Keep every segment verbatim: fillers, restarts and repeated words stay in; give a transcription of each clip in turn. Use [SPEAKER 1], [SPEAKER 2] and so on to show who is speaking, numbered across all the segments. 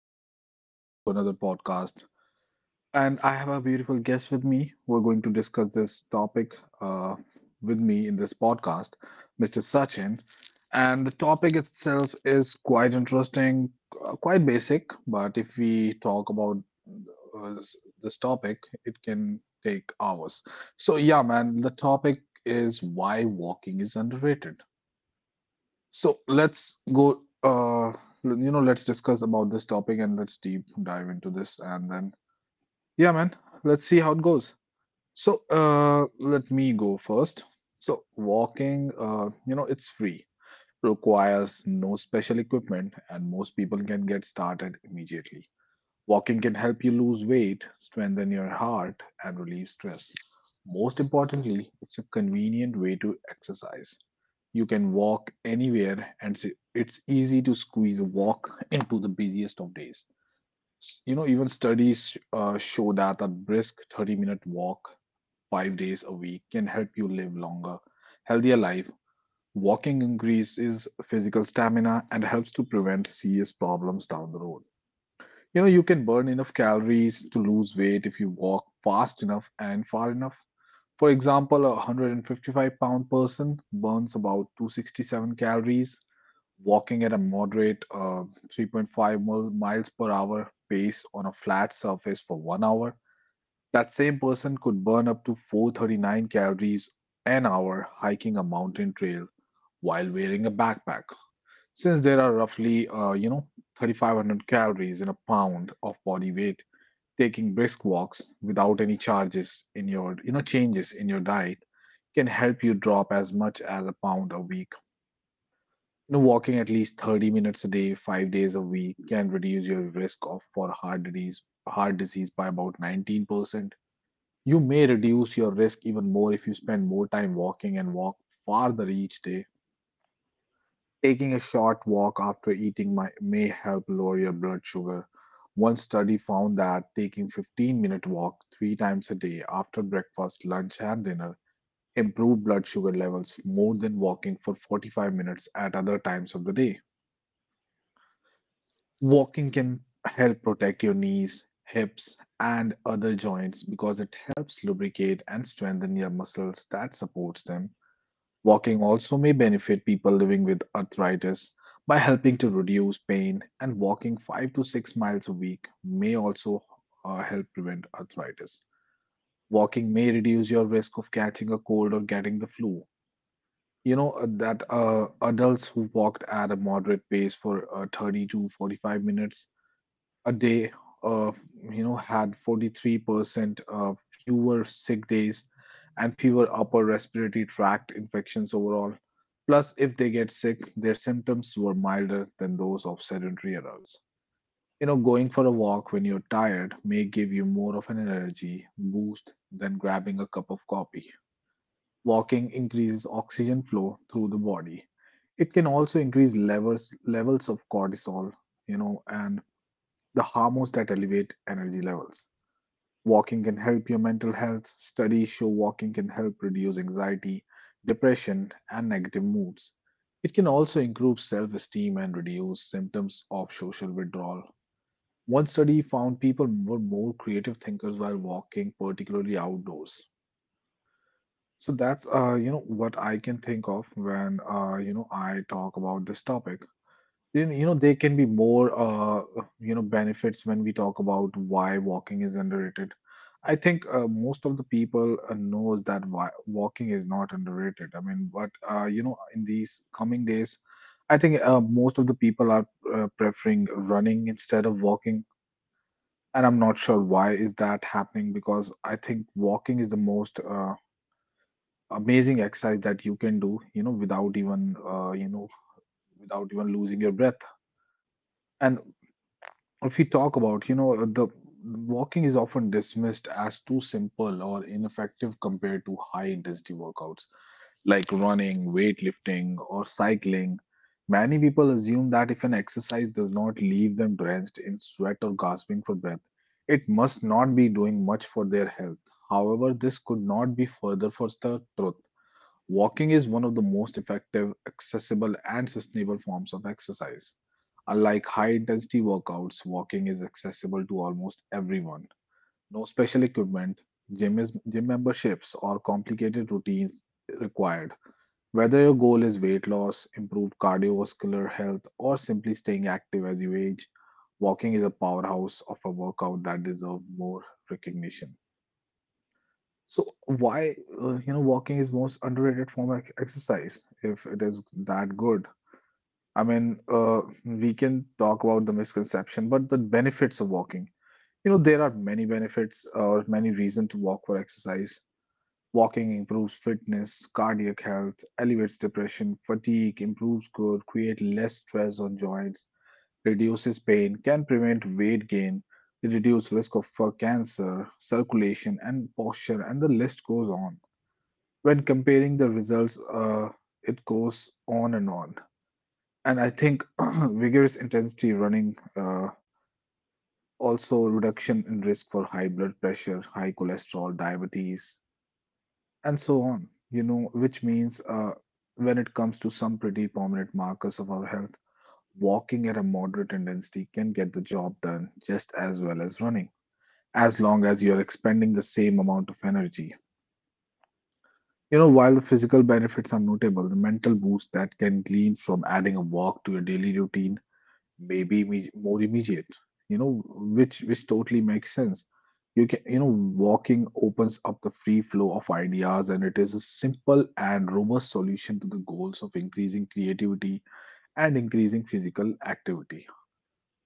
[SPEAKER 1] Naveen and welcome to another podcast. And I have a beautiful guest with me. We're going to discuss this topic uh, with me in this podcast, Mister Sachin. And the topic itself is quite interesting, uh, quite basic, but if we talk about uh, this, this topic, it can take hours. So yeah, man, the topic is why walking is underrated. So let's go, uh, you know, let's discuss about this topic and let's deep dive into this. And then, yeah, man, let's see how it goes. So, uh, let me go first. So, walking, uh, you know, it's free, requires no special equipment, and most people can get started immediately. Walking can help you lose weight, strengthen your heart, and relieve stress. Most importantly, it's a convenient way to exercise. You can walk anywhere, and s- it's easy to squeeze a walk into the busiest of days. S- You know, even studies uh, show that a brisk thirty-minute walk five days a week can help you live longer, healthier life. Walking increases physical stamina and helps to prevent serious problems down the road. You know, you can burn enough calories to lose weight if you walk fast enough and far enough. For example, a one hundred fifty-five pound person burns about two hundred sixty-seven calories walking at a moderate uh, three point five mil- miles per hour pace on a flat surface for one hour. That same person could burn up to four hundred thirty-nine calories an hour hiking a mountain trail while wearing a backpack. Since there are roughly, uh, you know, thirty-five hundred calories in a pound of body weight, taking brisk walks without any charges in your you know changes in your diet can help you drop as much as a pound a week. You know, walking at least thirty minutes a day five days a week can reduce your risk of for heart disease heart disease by about nineteen percent. You may reduce your risk even more if you spend more time walking and walk farther each day. Taking a short walk after eating may, may help lower your blood sugar. One study found that taking fifteen-minute walk three times a day after breakfast, lunch and dinner improved blood sugar levels more than walking for forty-five minutes at other times of the day. Walking can help protect your knees, hips and other joints because it helps lubricate and strengthen your muscles that supports them. Walking also may benefit people living with arthritis by helping to reduce pain, and walking five to six miles a week may also uh, help prevent arthritis. Walking may reduce your risk of catching a cold or getting the flu. You know uh, that uh, adults who walked at a moderate pace for uh, thirty to forty-five minutes a day of you know had forty-three percent uh, fewer sick days and fewer upper respiratory tract infections overall. Plus, if they get sick, their symptoms were milder than those of sedentary adults. You know, going for a walk when you're tired may give you more of an energy boost than grabbing a cup of coffee. Walking increases oxygen flow through the body. It can also increase levels levels of cortisol, you know, and the hormones that elevate energy levels. Walking can help your mental health. Studies show walking can help reduce anxiety, depression, and negative moods. It can also improve self esteem and reduce symptoms of social withdrawal. One study found people were more creative thinkers while walking, particularly outdoors. So that's uh, you know what I can think of when uh, you know I talk about this topic. Then, you know, there can be more, uh, you know, benefits when we talk about why walking is underrated. I think uh, most of the people uh, knows that why walking is not underrated. I mean, but uh, you know, in these coming days, I think uh, most of the people are uh, preferring running instead of walking, and I'm not sure why is that happening because I think walking is the most uh, amazing exercise that you can do, you know, without even uh, you know, without even losing your breath. And if we talk about, you know, the walking is often dismissed as too simple or ineffective compared to high intensity workouts like running, weightlifting, or cycling. Many people assume that if an exercise does not leave them drenched in sweat or gasping for breath, it must not be doing much for their health. However, this could not be further from the truth. Walking is one of the most effective, accessible, and sustainable forms of exercise. Unlike high intensity workouts, walking is accessible to almost everyone. No special equipment, gym, is, gym memberships, or complicated routines required. Whether your goal is weight loss, improved cardiovascular health, or simply staying active as you age, walking is a powerhouse of a workout that deserves more recognition. So why uh, you know walking is most underrated form of exercise if it is that good. I mean, uh, we can talk about the misconception, but the benefits of walking. You know, there are many benefits or many reasons to walk for exercise. Walking improves fitness, cardiac health, alleviates depression, fatigue, improves good, create less stress on joints, reduces pain, can prevent weight gain, reduce risk of for cancer, circulation, and posture, and the list goes on when comparing the results, uh, it goes on and on. And I think vigorous intensity running, uh, also reduction in risk for high blood pressure, high cholesterol, diabetes, and so on. You know, which means uh, when it comes to some pretty prominent markers of our health, walking at a moderate intensity can get the job done just as well as running, as long as you're expending the same amount of energy. You know, while the physical benefits are notable, the mental boost that can glean from adding a walk to your daily routine may be imme- more immediate. You know, which which totally makes sense. You can, you know, walking opens up the free flow of ideas, and it is a simple and robust solution to the goals of increasing creativity and increasing physical activity.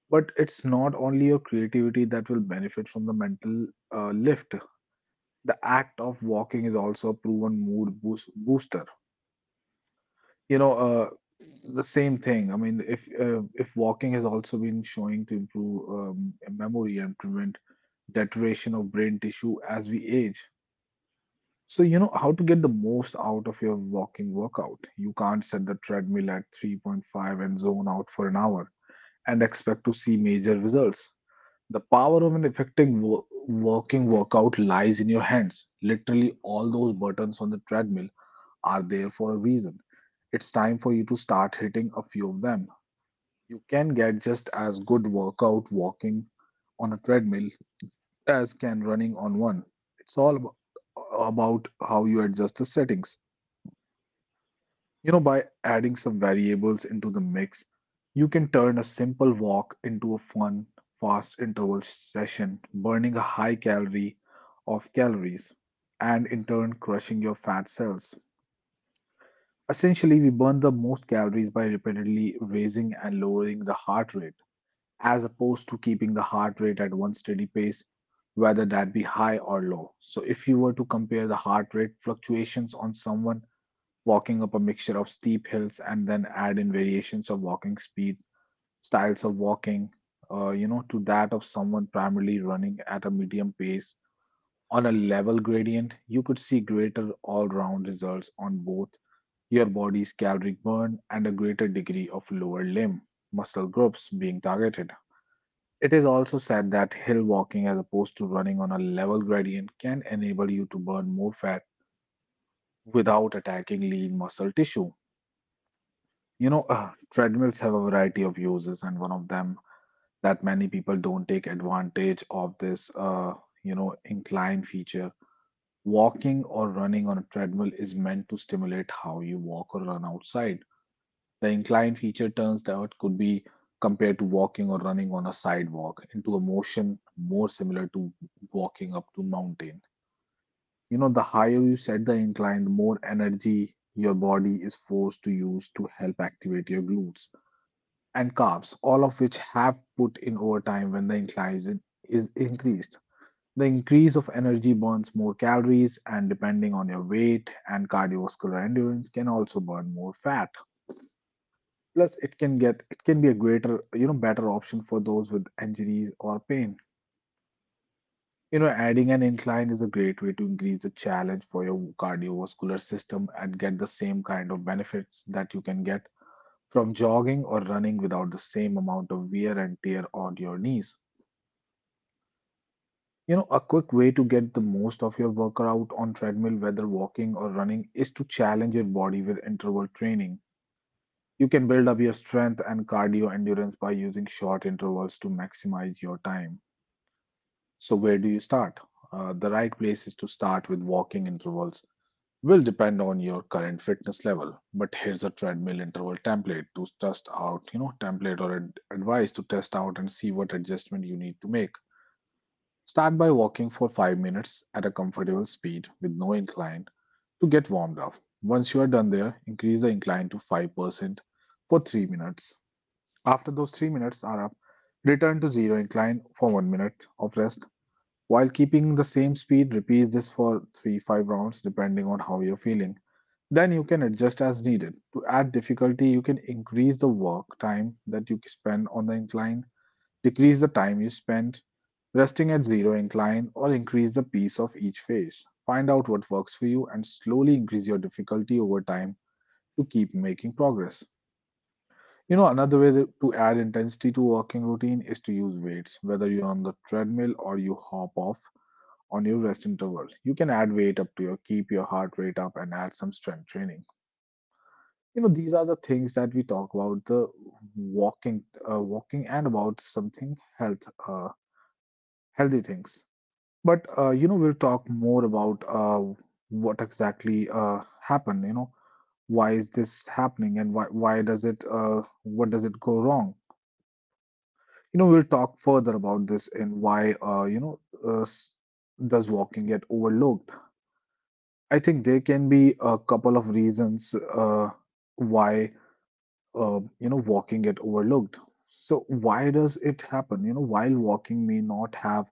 [SPEAKER 1] But it's not only your creativity that will benefit from the mental uh, lift. The act of walking is also a proven mood boost, booster. You know uh, the same thing. I mean, if uh, if walking has also been showing to improve um, memory and prevent deterioration of brain tissue as we age. So you know, how to get the most out of your walking workout? You can't set the treadmill at three point five and zone out for an hour and expect to see major results. The power of an effective wo- walking workout lies in your hands. Literally all those buttons on the treadmill are there for a reason. It's time for you to start hitting a few of them. You can get just as good workout walking on a treadmill as can running on one. It's all abo- about how you adjust the settings. You know, by adding some variables into the mix, you can turn a simple walk into a fun, fast interval session, burning a high calorie of calories and in turn crushing your fat cells. Essentially, we burn the most calories by repeatedly raising and lowering the heart rate, as opposed to keeping the heart rate at one steady pace, whether that be high or low. So, if you were to compare the heart rate fluctuations on someone walking up a mixture of steep hills and then add in variations of walking speeds, styles of walking, uh, you know, to that of someone primarily running at a medium pace on a level gradient, you could see greater all round results on both your body's caloric burn, and a greater degree of lower limb muscle groups being targeted. It is also said that hill walking, as opposed to running on a level gradient, can enable you to burn more fat without attacking lean muscle tissue. You know, uh, treadmills have a variety of uses, and one of them that many people don't take advantage of this, uh, you know, incline feature. Walking or running on a treadmill is meant to stimulate how you walk or run outside. The incline feature turns out could be compared to walking or running on a sidewalk into a motion more similar to walking up to mountain. You know, the higher you set the incline, the more energy your body is forced to use to help activate your glutes and calves, all of which have put in overtime when the incline is, is increased. The increase of energy burns more calories, and depending on your weight and cardiovascular endurance, can also burn more fat. Plus, it can get it can be a greater, you know, better option for those with injuries or pain. You know, adding an incline is a great way to increase the challenge for your cardiovascular system and get the same kind of benefits that you can get from jogging or running without the same amount of wear and tear on your knees. You know, a quick way to get the most of your workout on treadmill, whether walking or running, is to challenge your body with interval training. You can build up your strength and cardio endurance by using short intervals to maximize your time. So, where do you start? Uh, the right place is to start with walking intervals. Will depend on your current fitness level, but here's a treadmill interval template to test out, you know, template or ad- advice to test out and see what adjustment you need to make. Start by walking for five minutes at a comfortable speed with no incline to get warmed up. Once you are done there, increase the incline to five percent for three minutes. After those three minutes are up, return to zero incline for one minute of rest. While keeping the same speed, repeat this for three to five rounds depending on how you're feeling. Then you can adjust as needed. To add difficulty, you can increase the work time that you spend on the incline, decrease the time you spend resting at zero incline, or increase the pace of each phase. Find out what works for you and slowly increase your difficulty over time to keep making progress. You know, another way that- to add intensity to walking routine is to use weights. Whether you're on the treadmill or you hop off on your rest intervals, you can add weight up to your keep your heart rate up and add some strength training. You know, these are the things that we talk about the walking, uh, walking, and about something health, uh, healthy things. But uh, you know, we'll talk more about uh, what exactly uh, happened. You know, why is this happening and why why does it uh, what does it go wrong? You know, we'll talk further about this and why, uh, you know, uh, s- does walking get overlooked. I think there can be a couple of reasons uh, why, uh, you know, walking get overlooked. So why does it happen? You know, while walking may not have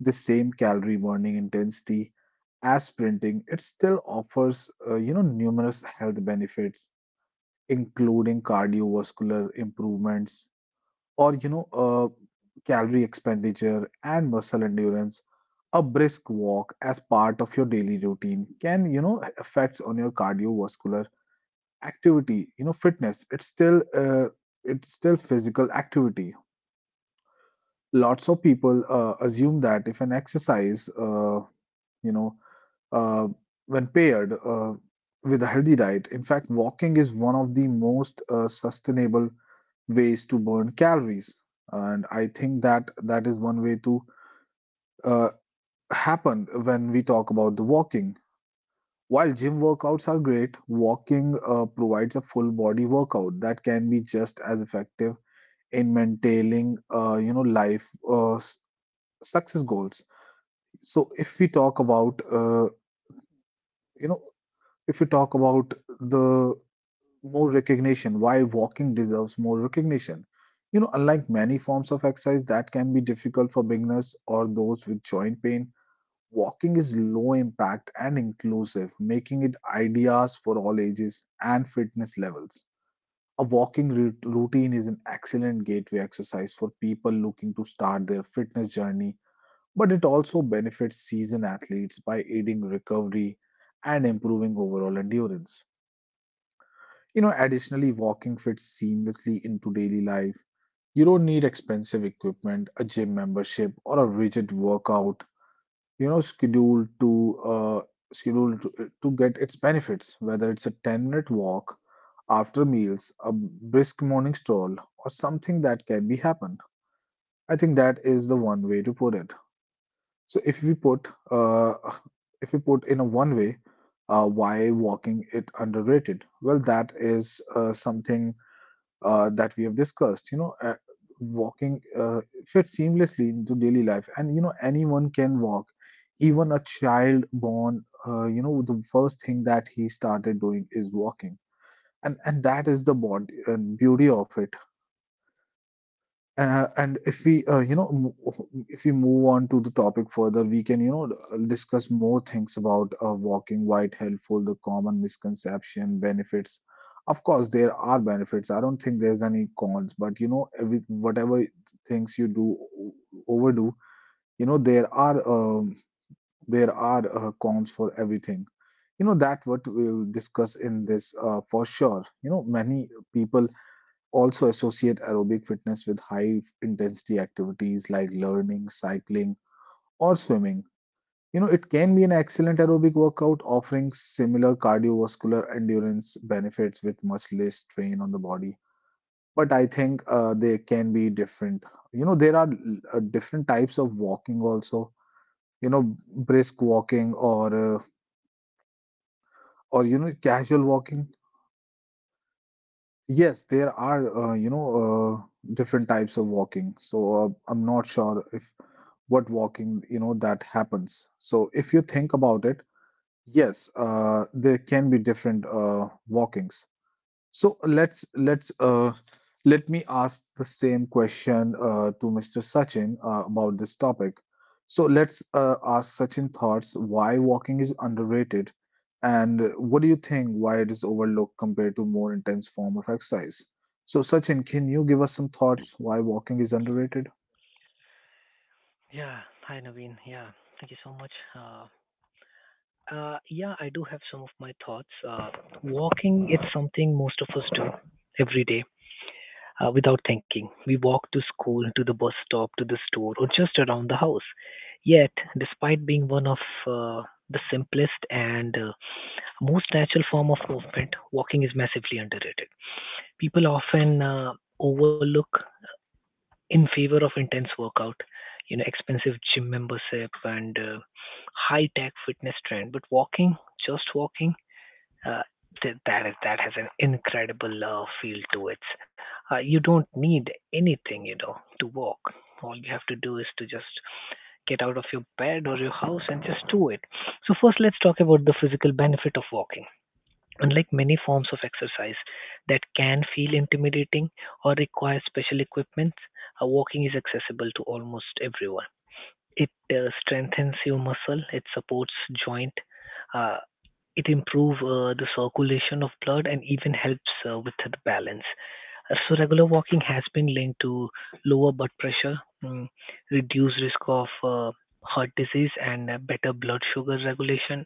[SPEAKER 1] the same calorie burning intensity as sprinting, it still offers, uh, you know, numerous health benefits, including cardiovascular improvements or you know uh, calorie expenditure and muscle endurance. A brisk walk as part of your daily routine can you know affects on your cardiovascular activity, you know fitness. It's still uh, it's still physical activity. Lots of people uh, assume that if an exercise uh, you know uh, when paired uh, with a healthy diet, in fact walking is one of the most uh, sustainable ways to burn calories. And I think that that is one way to uh, happen when we talk about the walking. While gym workouts are great, walking uh, provides a full body workout that can be just as effective in maintaining, uh, you know, life uh, s- success goals. So if we talk about, uh, you know, if you talk about the more recognition, why walking deserves more recognition. You know, unlike many forms of exercise that can be difficult for beginners or those with joint pain, walking is low impact and inclusive, making it ideas for all ages and fitness levels. A walking rout- routine is an excellent gateway exercise for people looking to start their fitness journey, but it also benefits seasoned athletes by aiding recovery and improving overall endurance. You know, additionally, walking fits seamlessly into daily life. You don't need expensive equipment, a gym membership, or a rigid workout. You know, schedule to uh, schedule to, uh, to get its benefits. Whether it's a ten-minute walk after meals, a brisk morning stroll, or something that can be happened. I think that is the one way to put it. So if we put uh, if we put in a one way, uh, why walking it underrated? Well, that is uh, something uh, that we have discussed, you know uh, walking uh, fits seamlessly into daily life and you know anyone can walk. Even a child born, uh, you know the first thing that he started doing is walking, and and that is the body, uh, beauty of it. Uh, and if we, uh, you know, mo- if we move on to the topic further, we can, you know, discuss more things about uh, walking, why it helpful, the common misconception, benefits. Of course, there are benefits. I don't think there's any cons, but you know, every, whatever things you do o- overdo, you know, there are um, there are uh, cons for everything. You know, that what we'll discuss in this uh, for sure. You know, many people also associate aerobic fitness with high intensity activities like learning, cycling, or swimming. You know, it can be an excellent aerobic workout offering similar cardiovascular endurance benefits with much less strain on the body. But I think uh, they can be different. You know, there are uh, different types of walking also. You know, brisk walking or uh, or you know casual walking. Yes, there are uh, you know uh, different types of walking. So uh, I'm not sure if what walking you know that happens, so if you think about it, yes, uh, there can be different uh, walkings. So let's let's uh, let me ask the same question uh, to Mr. Sachin uh, about this topic. So let's uh, ask Sachin thoughts, why walking is underrated, and what do you think, why it is overlooked compared to more intense form of exercise? So Sachin, can you give us some thoughts why walking is underrated?
[SPEAKER 2] Yeah. Hi, Naveen. Yeah. Thank you so much. Uh, uh, yeah, I do have some of my thoughts. Uh, Walking, it's something most of us do every day uh, without thinking. We walk to school, to the bus stop, to the store, or just around the house. Yet, despite being one of uh, the simplest and uh, most natural form of movement, walking is massively underrated. People often uh, overlook in favor of intense workout, you know, expensive gym membership and uh, high tech fitness trend. But walking, just walking, uh, th- that is that has an incredible uh, feel to it. Uh, you don't need anything, you know, to walk. All you have to do is to just get out of your bed or your house and just do it. So first, let's talk about the physical benefit of walking. Unlike many forms of exercise that can feel intimidating or require special equipment, uh, walking is accessible to almost everyone. It uh, strengthens your muscle, it supports joint, uh, it improves uh, the circulation of blood and even helps uh, with the balance. Uh, So regular walking has been linked to lower blood pressure, mm, reduced risk of uh, heart disease, and uh, better blood sugar regulation.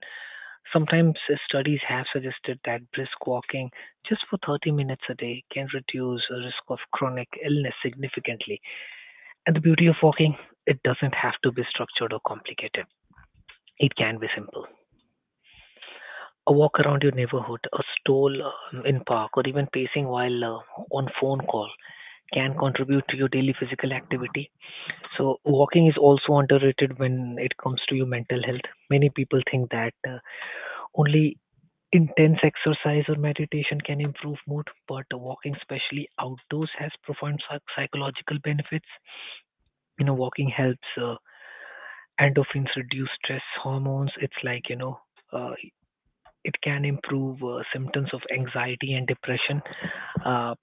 [SPEAKER 2] Sometimes uh, studies have suggested that brisk walking just for thirty minutes a day can reduce the risk of chronic illness significantly. And the beauty of walking, it doesn't have to be structured or complicated. It can be simple. A walk around your neighborhood, a stroll um, in park, or even pacing while uh, on phone call can contribute to your daily physical activity. So walking is also underrated when it comes to your mental health. Many people think that uh, only intense exercise or meditation can improve mood, but walking, especially outdoors, has profound psych- psychological benefits. You know, walking helps uh, endorphins reduce stress hormones. It's like, you know, uh, it can improve uh, symptoms of anxiety and depression. Uh,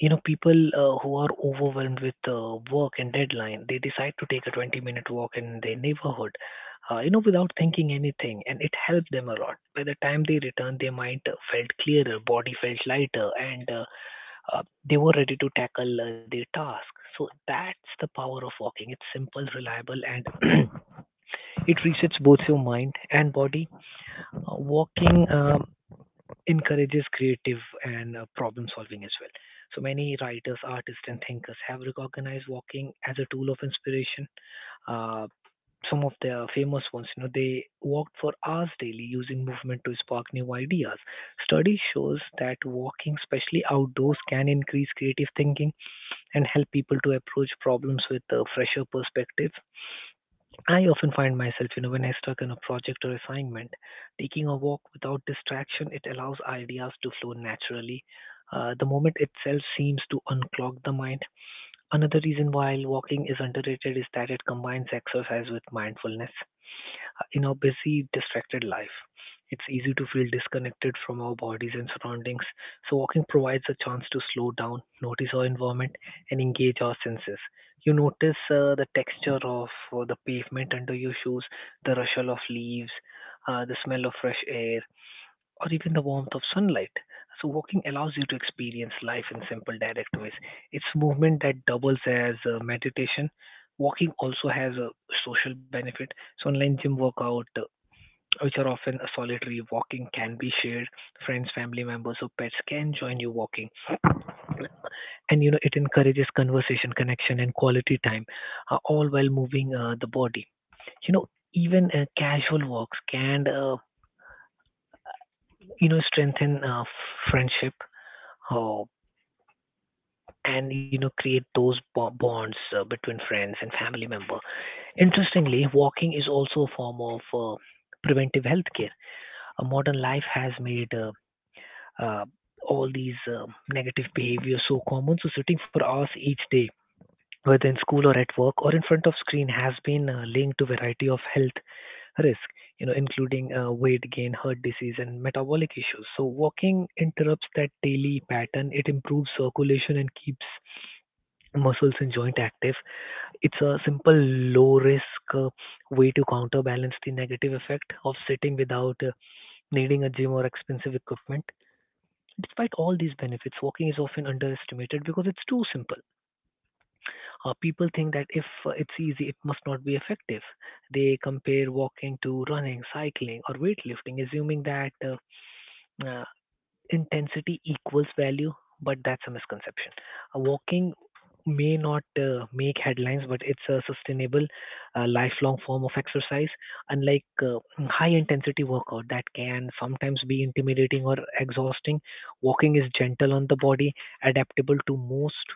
[SPEAKER 2] You know, people uh, who are overwhelmed with uh, work and deadline, they decide to take a twenty minute walk in their neighborhood, uh, you know, without thinking anything, and it helped them a lot. By the time they returned, their mind uh, felt clearer, body felt lighter, and uh, uh, they were ready to tackle uh, their task. So that's the power of walking. It's simple, reliable, and it resets both your mind and body. Uh, walking um, encourages creative and uh, problem solving as well. So many writers, artists, and thinkers have recognized walking as a tool of inspiration. Uh, some of the famous ones, you know, they walked for hours daily using movement to spark new ideas. Study shows that walking, especially outdoors, can increase creative thinking and help people to approach problems with a fresher perspective. I often find myself, you know, when I stuck on a project or assignment, taking a walk without distraction, it allows ideas to flow naturally. Uh, the moment itself seems to unclog the mind. Another reason why walking is underrated is that it combines exercise with mindfulness in our busy, distracted life. It's easy to feel disconnected from our bodies and surroundings, so walking provides a chance to slow down, notice our environment, and engage our senses. You notice uh, the texture of uh, the pavement under your shoes, the rustle of leaves, uh, the smell of fresh air, or even the warmth of sunlight. So, walking allows you to experience life in simple, direct ways. It's movement that doubles as uh, meditation. Walking also has a social benefit. So, online gym workout, uh, which are often a solitary. Walking can be shared, friends, family members, or pets can join you walking. And you know, it encourages conversation, connection, and quality time, uh, all while moving uh, the body. You know, even uh, casual walks can, uh, you know, strengthen uh, friendship. Uh, and you know create those bo- bonds uh, between friends and family member. Interestingly walking is also a form of uh, preventive health care. Uh, modern life has made uh, uh, all these um negative behaviors so common. So sitting for hours each day, whether in school or at work or in front of screen, has been uh, linked to variety of health risk, you know, including uh, weight gain, heart disease, and metabolic issues. So walking interrupts that daily pattern. It improves circulation and keeps muscles and joint active. It's a simple low risk uh, way to counterbalance the negative effect of sitting without uh, needing a gym or expensive equipment. Despite all these benefits, walking is often underestimated because it's too simple. Uh, people think that if uh, it's easy, it must not be effective. They compare walking to running, cycling, or weightlifting, assuming that uh, uh, intensity equals value, but that's a misconception. Uh, Walking may not uh, make headlines, but it's a sustainable, uh, lifelong form of exercise. Unlike uh, high intensity workout that can sometimes be intimidating or exhausting, walking is gentle on the body, adaptable to most.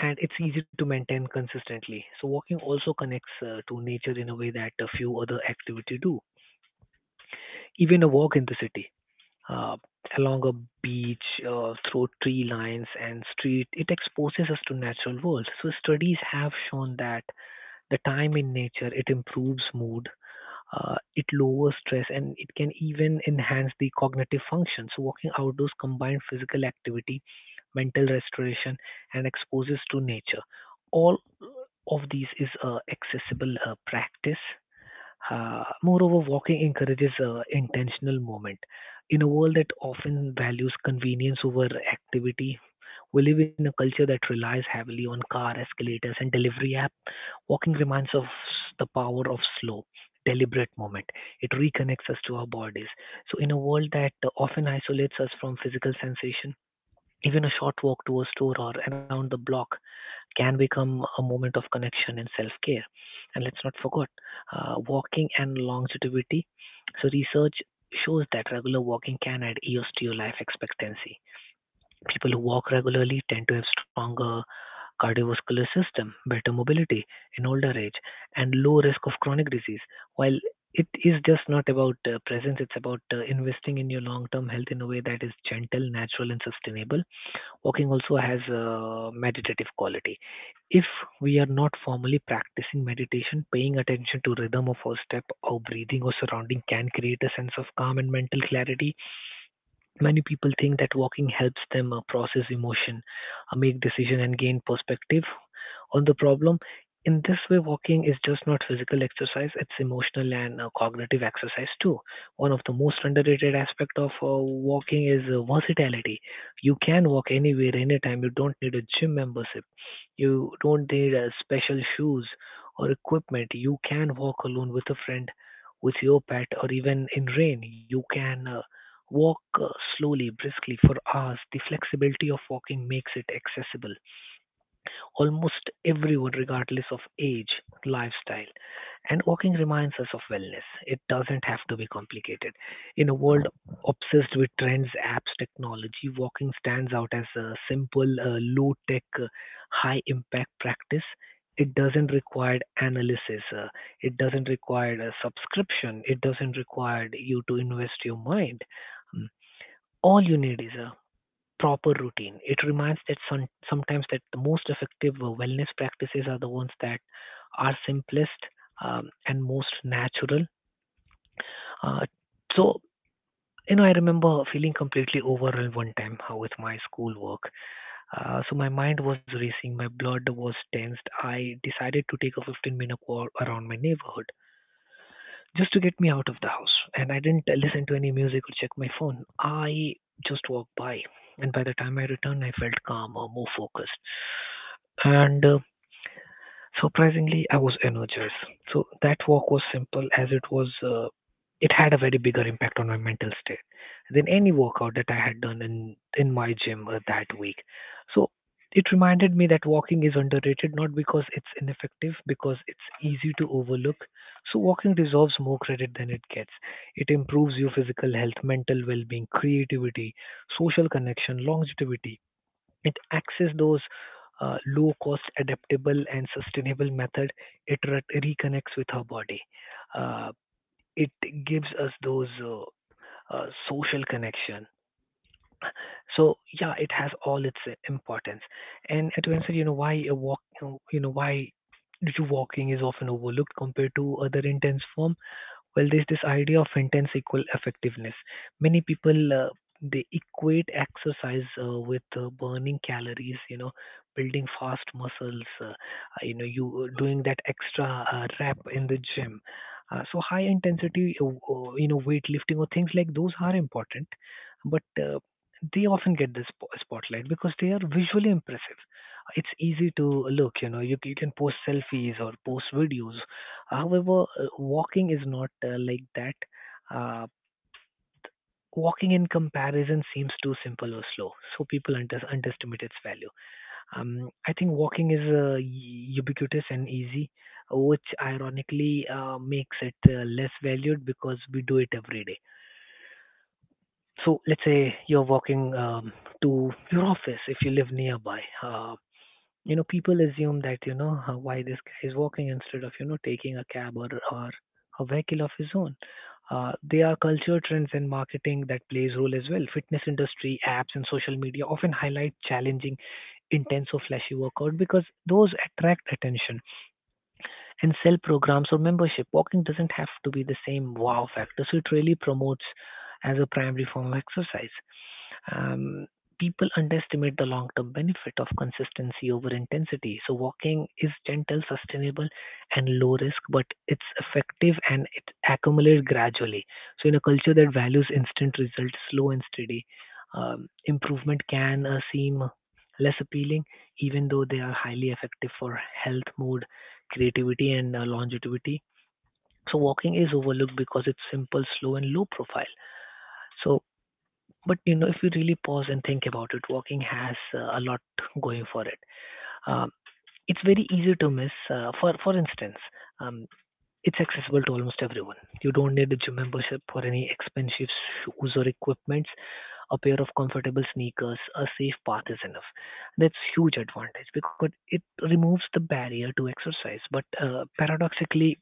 [SPEAKER 2] And it's easy to maintain consistently. So, walking also connects uh, to nature in a way that a few other activity do, even a walk in the city uh, along a beach, uh, through tree lines and street. It exposes us to natural world. So studies have shown that the time in nature it improves mood, uh, it lowers stress, and it can even enhance the cognitive function. So walking outdoors combines physical activity, mental restoration, and exposes to nature. All of these is a accessible uh, practice. Uh, moreover, walking encourages uh, intentional movement. In a world that often values convenience over activity, we live in a culture that relies heavily on car escalators and delivery app. Walking reminds us the power of slow, deliberate movement. It reconnects us to our bodies. So, in a world that uh, often isolates us from physical sensation, even a short walk to a store or around the block can become a moment of connection and self care. And let's not forget uh, walking and longevity. So, research shows that regular walking can add years to your life expectancy. People who walk regularly tend to have stronger cardiovascular system, better mobility in older age, and low risk of chronic disease. While it is just not about uh, presence, it's about uh, investing in your long term health in a way that is gentle, natural, and sustainable. Walking also has a meditative quality. If we are not formally practicing meditation, paying attention to rhythm of our step, our breathing, or surrounding can create a sense of calm and mental clarity. Many people think that walking helps them uh, process emotion, uh, make decision, and gain perspective, on the problem. In this way, walking is just not physical exercise; it's emotional and uh, cognitive exercise too. One of the most underrated aspect of uh, walking is uh, versatility. You can walk anywhere, anytime. You don't need a gym membership. You don't need uh, special shoes or equipment. You can walk alone with a friend, with your pet, or even in rain. You can uh, walk uh, slowly, briskly for hours. The flexibility of walking makes it accessible almost everyone, regardless of age, lifestyle, and walking reminds us of wellness. It doesn't have to be complicated. In a world obsessed with trends, apps, technology, walking stands out as a simple, uh, low tech, uh, high impact practice. It doesn't require analysis, uh, it doesn't require a subscription, it doesn't require you to invest your mind. Mm. All you need is a proper routine. It reminds that some, sometimes that the most effective uh, wellness practices are the ones that are simplest um, and most natural. Uh, so, you know, I remember feeling completely overwhelmed one time uh, with my schoolwork. Uh, so my mind was racing, my blood was tensed. I decided to take a fifteen minute walk around my neighborhood just to get me out of the house. And I didn't uh, listen to any music or check my phone. I just walked by. And by the time I returned, I felt calmer, more focused, and uh, surprisingly, I was energized. So that walk was simple as it was. Uh, it had a very bigger impact on my mental state than any workout that I had done in in my gym uh, that week. So it reminded me that walking is underrated not because it's ineffective, because it's easy to overlook. So walking deserves more credit than it gets. It improves your physical health, mental well-being, creativity, social connection, longevity. It access those uh, low cost, adaptable, and sustainable method. It re- reconnects with her body. Uh, it gives us those uh, uh, social connection. So yeah, it has all its uh, importance. And to answer, you know, why a walk, you know, why due to walking is often overlooked compared to other intense form. Well, there's this idea of intense equal effectiveness. Many people uh, they equate exercise uh, with uh, burning calories, you know, building fast muscles, uh, uh, you know, you uh, doing that extra uh, rep in the gym. Uh, so high intensity, uh, uh, you know, weightlifting or things like those are important, but uh, they often get the sp- spotlight because they are visually impressive. It's easy to look, you know, you, you can post selfies or post videos. However, uh, walking is not uh, like that. Uh, Walking in comparison seems too simple or slow, so people under- underestimate its value. Um, I think walking is uh, u- ubiquitous and easy, which ironically uh, makes it uh, less valued because we do it every day. So let's say you're walking um, to your office if you live nearby. Uh, you know people assume that you know uh, why this guy is walking instead of you know taking a cab, or, or a vehicle of his own uh, there are culture trends in marketing that plays role as well. Fitness industry apps and social media often highlight challenging, intense, or flashy workout, because those attract attention and sell programs or membership. Walking doesn't have to be the same wow factor, so it really promotes as a primary form of exercise. Um, people underestimate the long term benefit of consistency over intensity. So, walking is gentle, sustainable, and low risk, but it's effective and it accumulates gradually. So, in a culture that values instant results, slow and steady, um, improvement can uh, seem less appealing, even though they are highly effective for health, mood, creativity, and uh, longevity. So, walking is overlooked because it's simple, slow, and low profile. So, but you know, if you really pause and think about it, walking has uh, a lot going for it. Um, it's very easy to miss. Uh, for for instance, um, it's accessible to almost everyone. You don't need a gym membership or any expensive shoes or equipments. A pair of comfortable sneakers, a safe path is enough. That's huge advantage because it removes the barrier to exercise. But uh, paradoxically,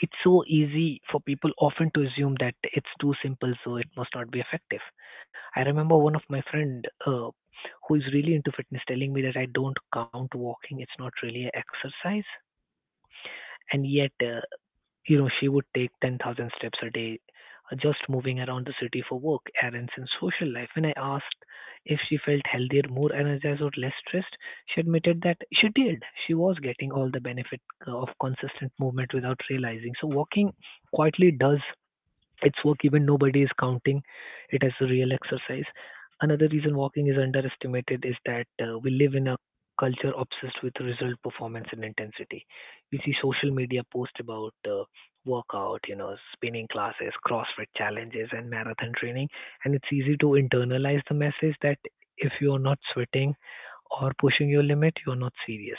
[SPEAKER 2] it's so easy for people often to assume that it's too simple, so it must not be effective. I remember one of my friend uh, who is really into fitness telling me that I don't count walking; it's not really an exercise. And yet, uh, you know, she would take ten thousand steps a day uh, just moving around the city for work, errands, and social life. When I asked if she felt healthier, more energized, or less stressed, she admitted that she did. She was getting all the benefit uh, of consistent movement without realizing. So, walking quietly does it's work even nobody is counting it as a real exercise. Another reason walking is underestimated is that uh, we live in a culture obsessed with result, performance, and intensity. We see social media posts about uh, workout, you know, spinning classes, CrossFit challenges, and marathon training, and it's easy to internalize the message that if you're not sweating or pushing your limit, you're not serious.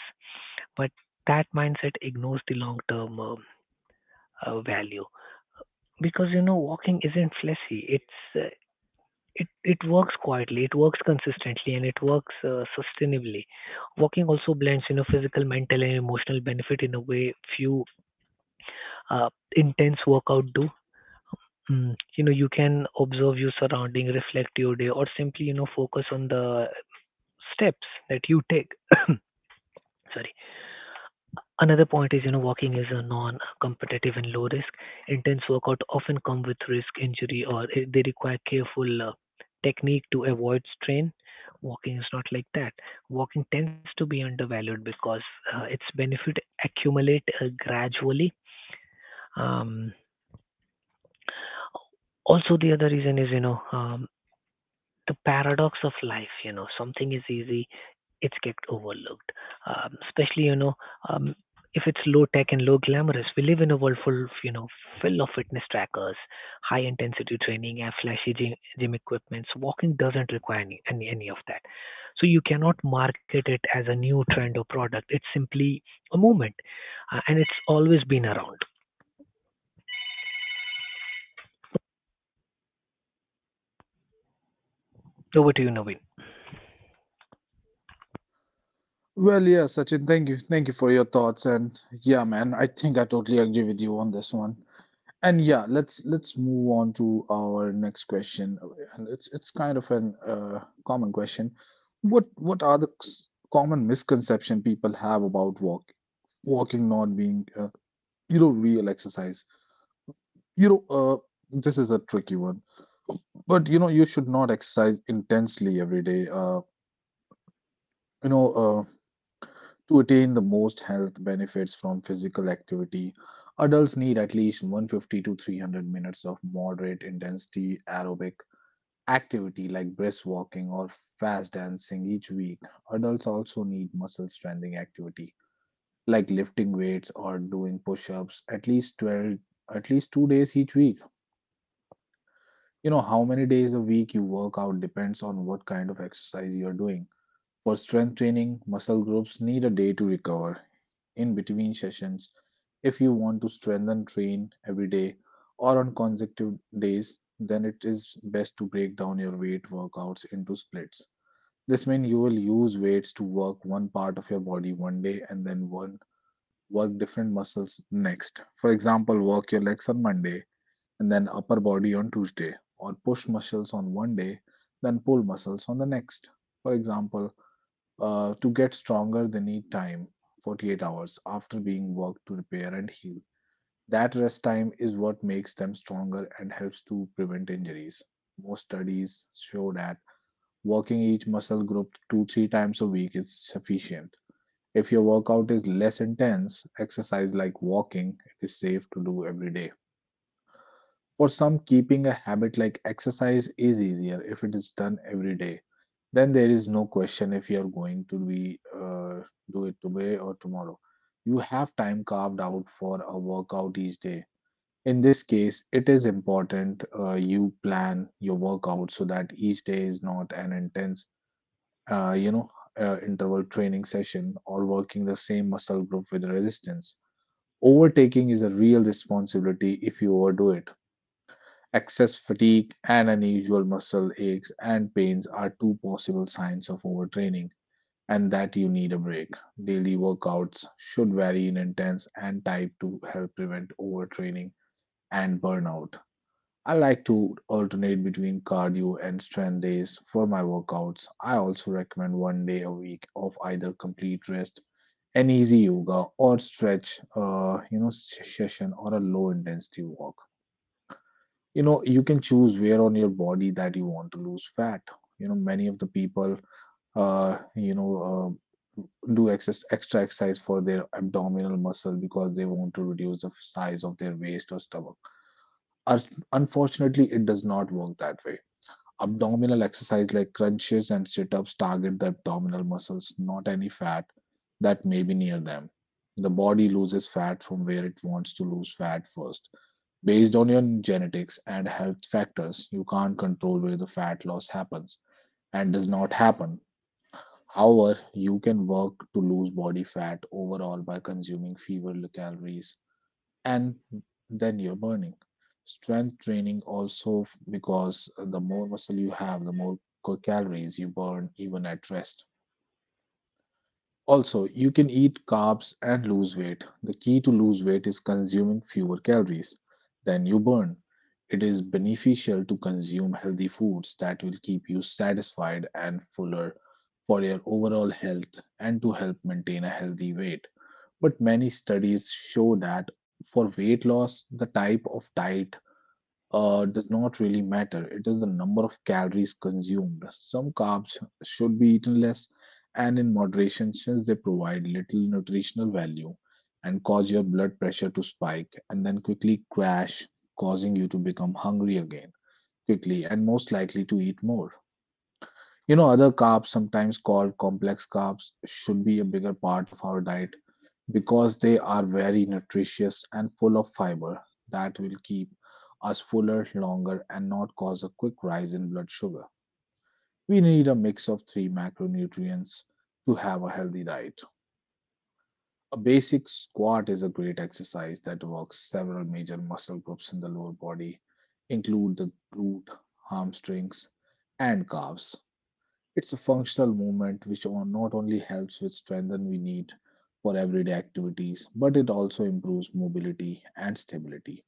[SPEAKER 2] But that mindset ignores the long term um, uh, value, because you know walking isn't fleshy. it's uh, it, it works quietly, it works consistently, and it works uh, sustainably. Walking also blends you know physical, mental, and emotional benefit in a way few uh, intense workout do. mm. You know you can observe your surrounding, reflect your day, or simply you know focus on the steps that you take. Sorry. Another point is, you know, walking is a non-competitive and low risk. Intense workout often come with risk injury, or i- they require careful uh, technique to avoid strain. Walking is not like that. Walking tends to be undervalued because uh, its benefit accumulate uh, gradually. Um, also, the other reason is, you know, um, the paradox of life. You know something is easy, it's get overlooked, um, especially you know um, if it's low tech and low glamorous. We live in a world full of you know full of fitness trackers, high intensity training, and flashy gym, gym equipments. Walking doesn't require any, any any of that. So you cannot market it as a new trend or product. It's simply a movement, uh, and it's always been around. Over to you, Naveen.
[SPEAKER 1] Well, yeah, Sachin, thank you. Thank you for your thoughts. And yeah, man, I think I totally agree with you on this one. And yeah, let's let's move on to our next question. And it's it's kind of an uh, common question. What what are the s- common misconception people have about walk walking not being uh, you know real exercise? You know, uh, this is a tricky one. But you know, you should not exercise intensely every day. Uh, you know, uh, To attain the most health benefits from physical activity, adults need at least one hundred fifty to three hundred minutes of moderate intensity aerobic activity like brisk walking or fast dancing each week. Adults also need muscle strengthening activity like lifting weights or doing push-ups at least twelve at least two days each week. You know how many days a week you work out depends on what kind of exercise you are doing. For strength training, muscle groups need a day to recover in between sessions. If you want to strengthen train every day or on consecutive days, then it is best to break down your weight workouts into splits. This means you will use weights to work one part of your body one day and then one work different muscles next. For example, work your legs on Monday and then upper body on Tuesday, or push muscles on one day, then pull muscles on the next. For example, uh, to get stronger, they need time forty-eight hours after being worked to repair and heal. That rest time is what makes them stronger and helps to prevent injuries. Most studies show that working each muscle group two three times a week is sufficient. If your workout is less intense, exercise like walking, it is safe to do every day. For some, keeping a habit like exercise is easier if it is done every day, then there is no question if you are going to be uh, do it today or tomorrow. You have time carved out for a workout each day. In this case, it is important uh, you plan your workout so that each day is not an intense, uh, you know, uh, interval training session or working the same muscle group with resistance. Overtaking is a real responsibility if you overdo it. Excess fatigue and unusual muscle aches and pains are two possible signs of overtraining and that you need a break. Daily workouts should vary in intensity and type to help prevent overtraining and burnout. I like to alternate between cardio and strength days for my workouts. I also recommend one day a week of either complete rest, an easy yoga or stretch, uh, you know, session or a low intensity walk. You know, you can choose where on your body that you want to lose fat. You know, many of the people uh, you know, uh, do excess, extra exercise for their abdominal muscle because they want to reduce the size of their waist or stomach. Us- Unfortunately, it does not work that way. Abdominal exercise like crunches and sit ups target the abdominal muscles, not any fat that may be near them. The body loses fat from where it wants to lose fat first. Based on your genetics and health factors, you can't control where the fat loss happens and does not happen. However, you can work to lose body fat overall by consuming fewer calories and than you're burning. Strength training also f- because the more muscle you have, the more co- calories you burn even at rest. Also, you can eat carbs and lose weight. The key to lose weight is consuming fewer calories than you burn. It is beneficial to consume healthy foods that will keep you satisfied and fuller for your overall health and to help maintain a healthy weight. But many studies show that for weight loss, the type of diet uh, does not really matter. It is the number of calories consumed. Some carbs should be eaten less and in moderation since they provide little nutritional value and cause your blood pressure to spike and then quickly crash, causing you to become hungry again quickly and most likely to eat more. You know, other carbs, sometimes called complex carbs, should be a bigger part of our diet because they are very nutritious and full of fiber that will keep us fuller longer and not cause a quick rise in blood sugar. We need a mix of three macronutrients to have a healthy diet. A basic squat is a great exercise that works several major muscle groups in the lower body, include the glute, hamstrings, and calves. It's a functional movement which on- not only helps with strength we need for everyday activities, but it also improves mobility and stability.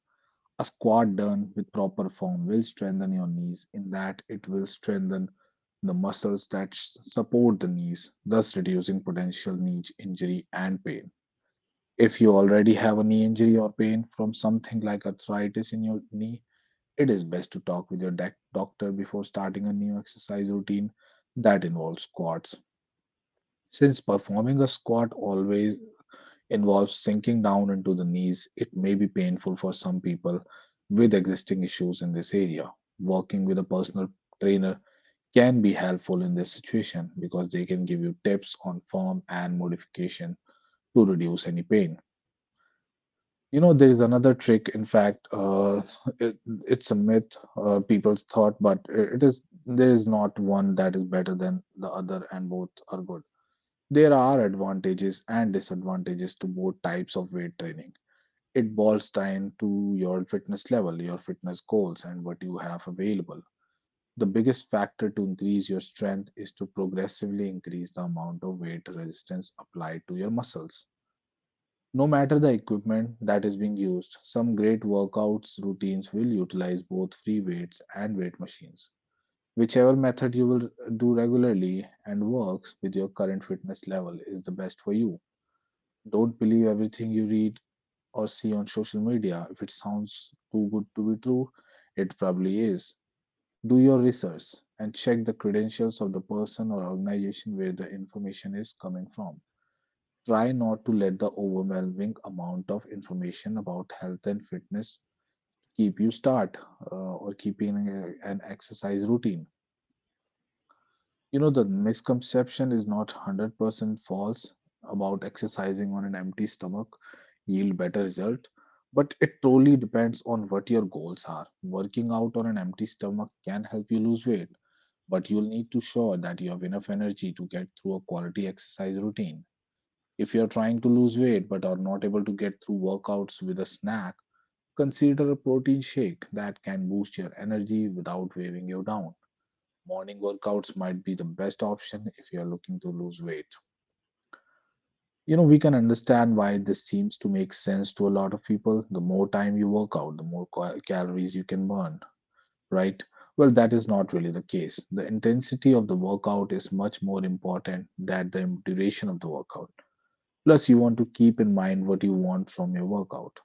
[SPEAKER 1] A squat done with proper form will strengthen your knees, in that it will strengthen the muscles that s- support the knees, thus reducing potential knee injury and pain. If you already have a knee injury or pain from something like arthritis in your knee, it is best to talk with your doc- doctor before starting a new exercise routine that involves squats since performing a squat always involves sinking down into the knees, it may be painful for some people with existing issues in this area. Working with a personal trainer can be helpful in this situation because they can give you tips on form and modification to reduce any pain. You know, there is another trick, in fact, uh, it, it's a myth, uh, people's thought, but it is there is not one that is better than the other, and both are good. There are advantages and disadvantages to both types of weight training. It boils down to your fitness level, your fitness goals, and what you have available. The biggest factor to increase your strength is to progressively increase the amount of weight resistance applied to your muscles. No matter the equipment that is being used, some great workouts routines will utilize both free weights and weight machines. Whichever method you will do regularly and works with your current fitness level is the best for you. Don't believe everything you read or see on social media. If it sounds too good to be true, it probably is. Do your research and check the credentials of the person or organization where the information is coming from. Try not to let the overwhelming amount of information about health and fitness keep you start uh, or keeping a- an exercise routine. You know, the misconception is not one hundred percent false about exercising on an empty stomach yield better result, but it truly depends on what your goals are. Working out on an empty stomach can help you lose weight, but you'll need to sure that you have enough energy to get through a quality exercise routine. If you're trying to lose weight but are not able to get through workouts with a snack, consider a protein shake that can boost your energy without weighing you down morning workouts might be the best option if you're looking to lose weight. You know, we can understand why this seems to make sense to a lot of people. The more time you work out, the more ca- calories you can burn, right? Well, that is not really the case. The intensity of the workout is much more important than the duration of the workout. Plus, you want to keep in mind what you want from your workout.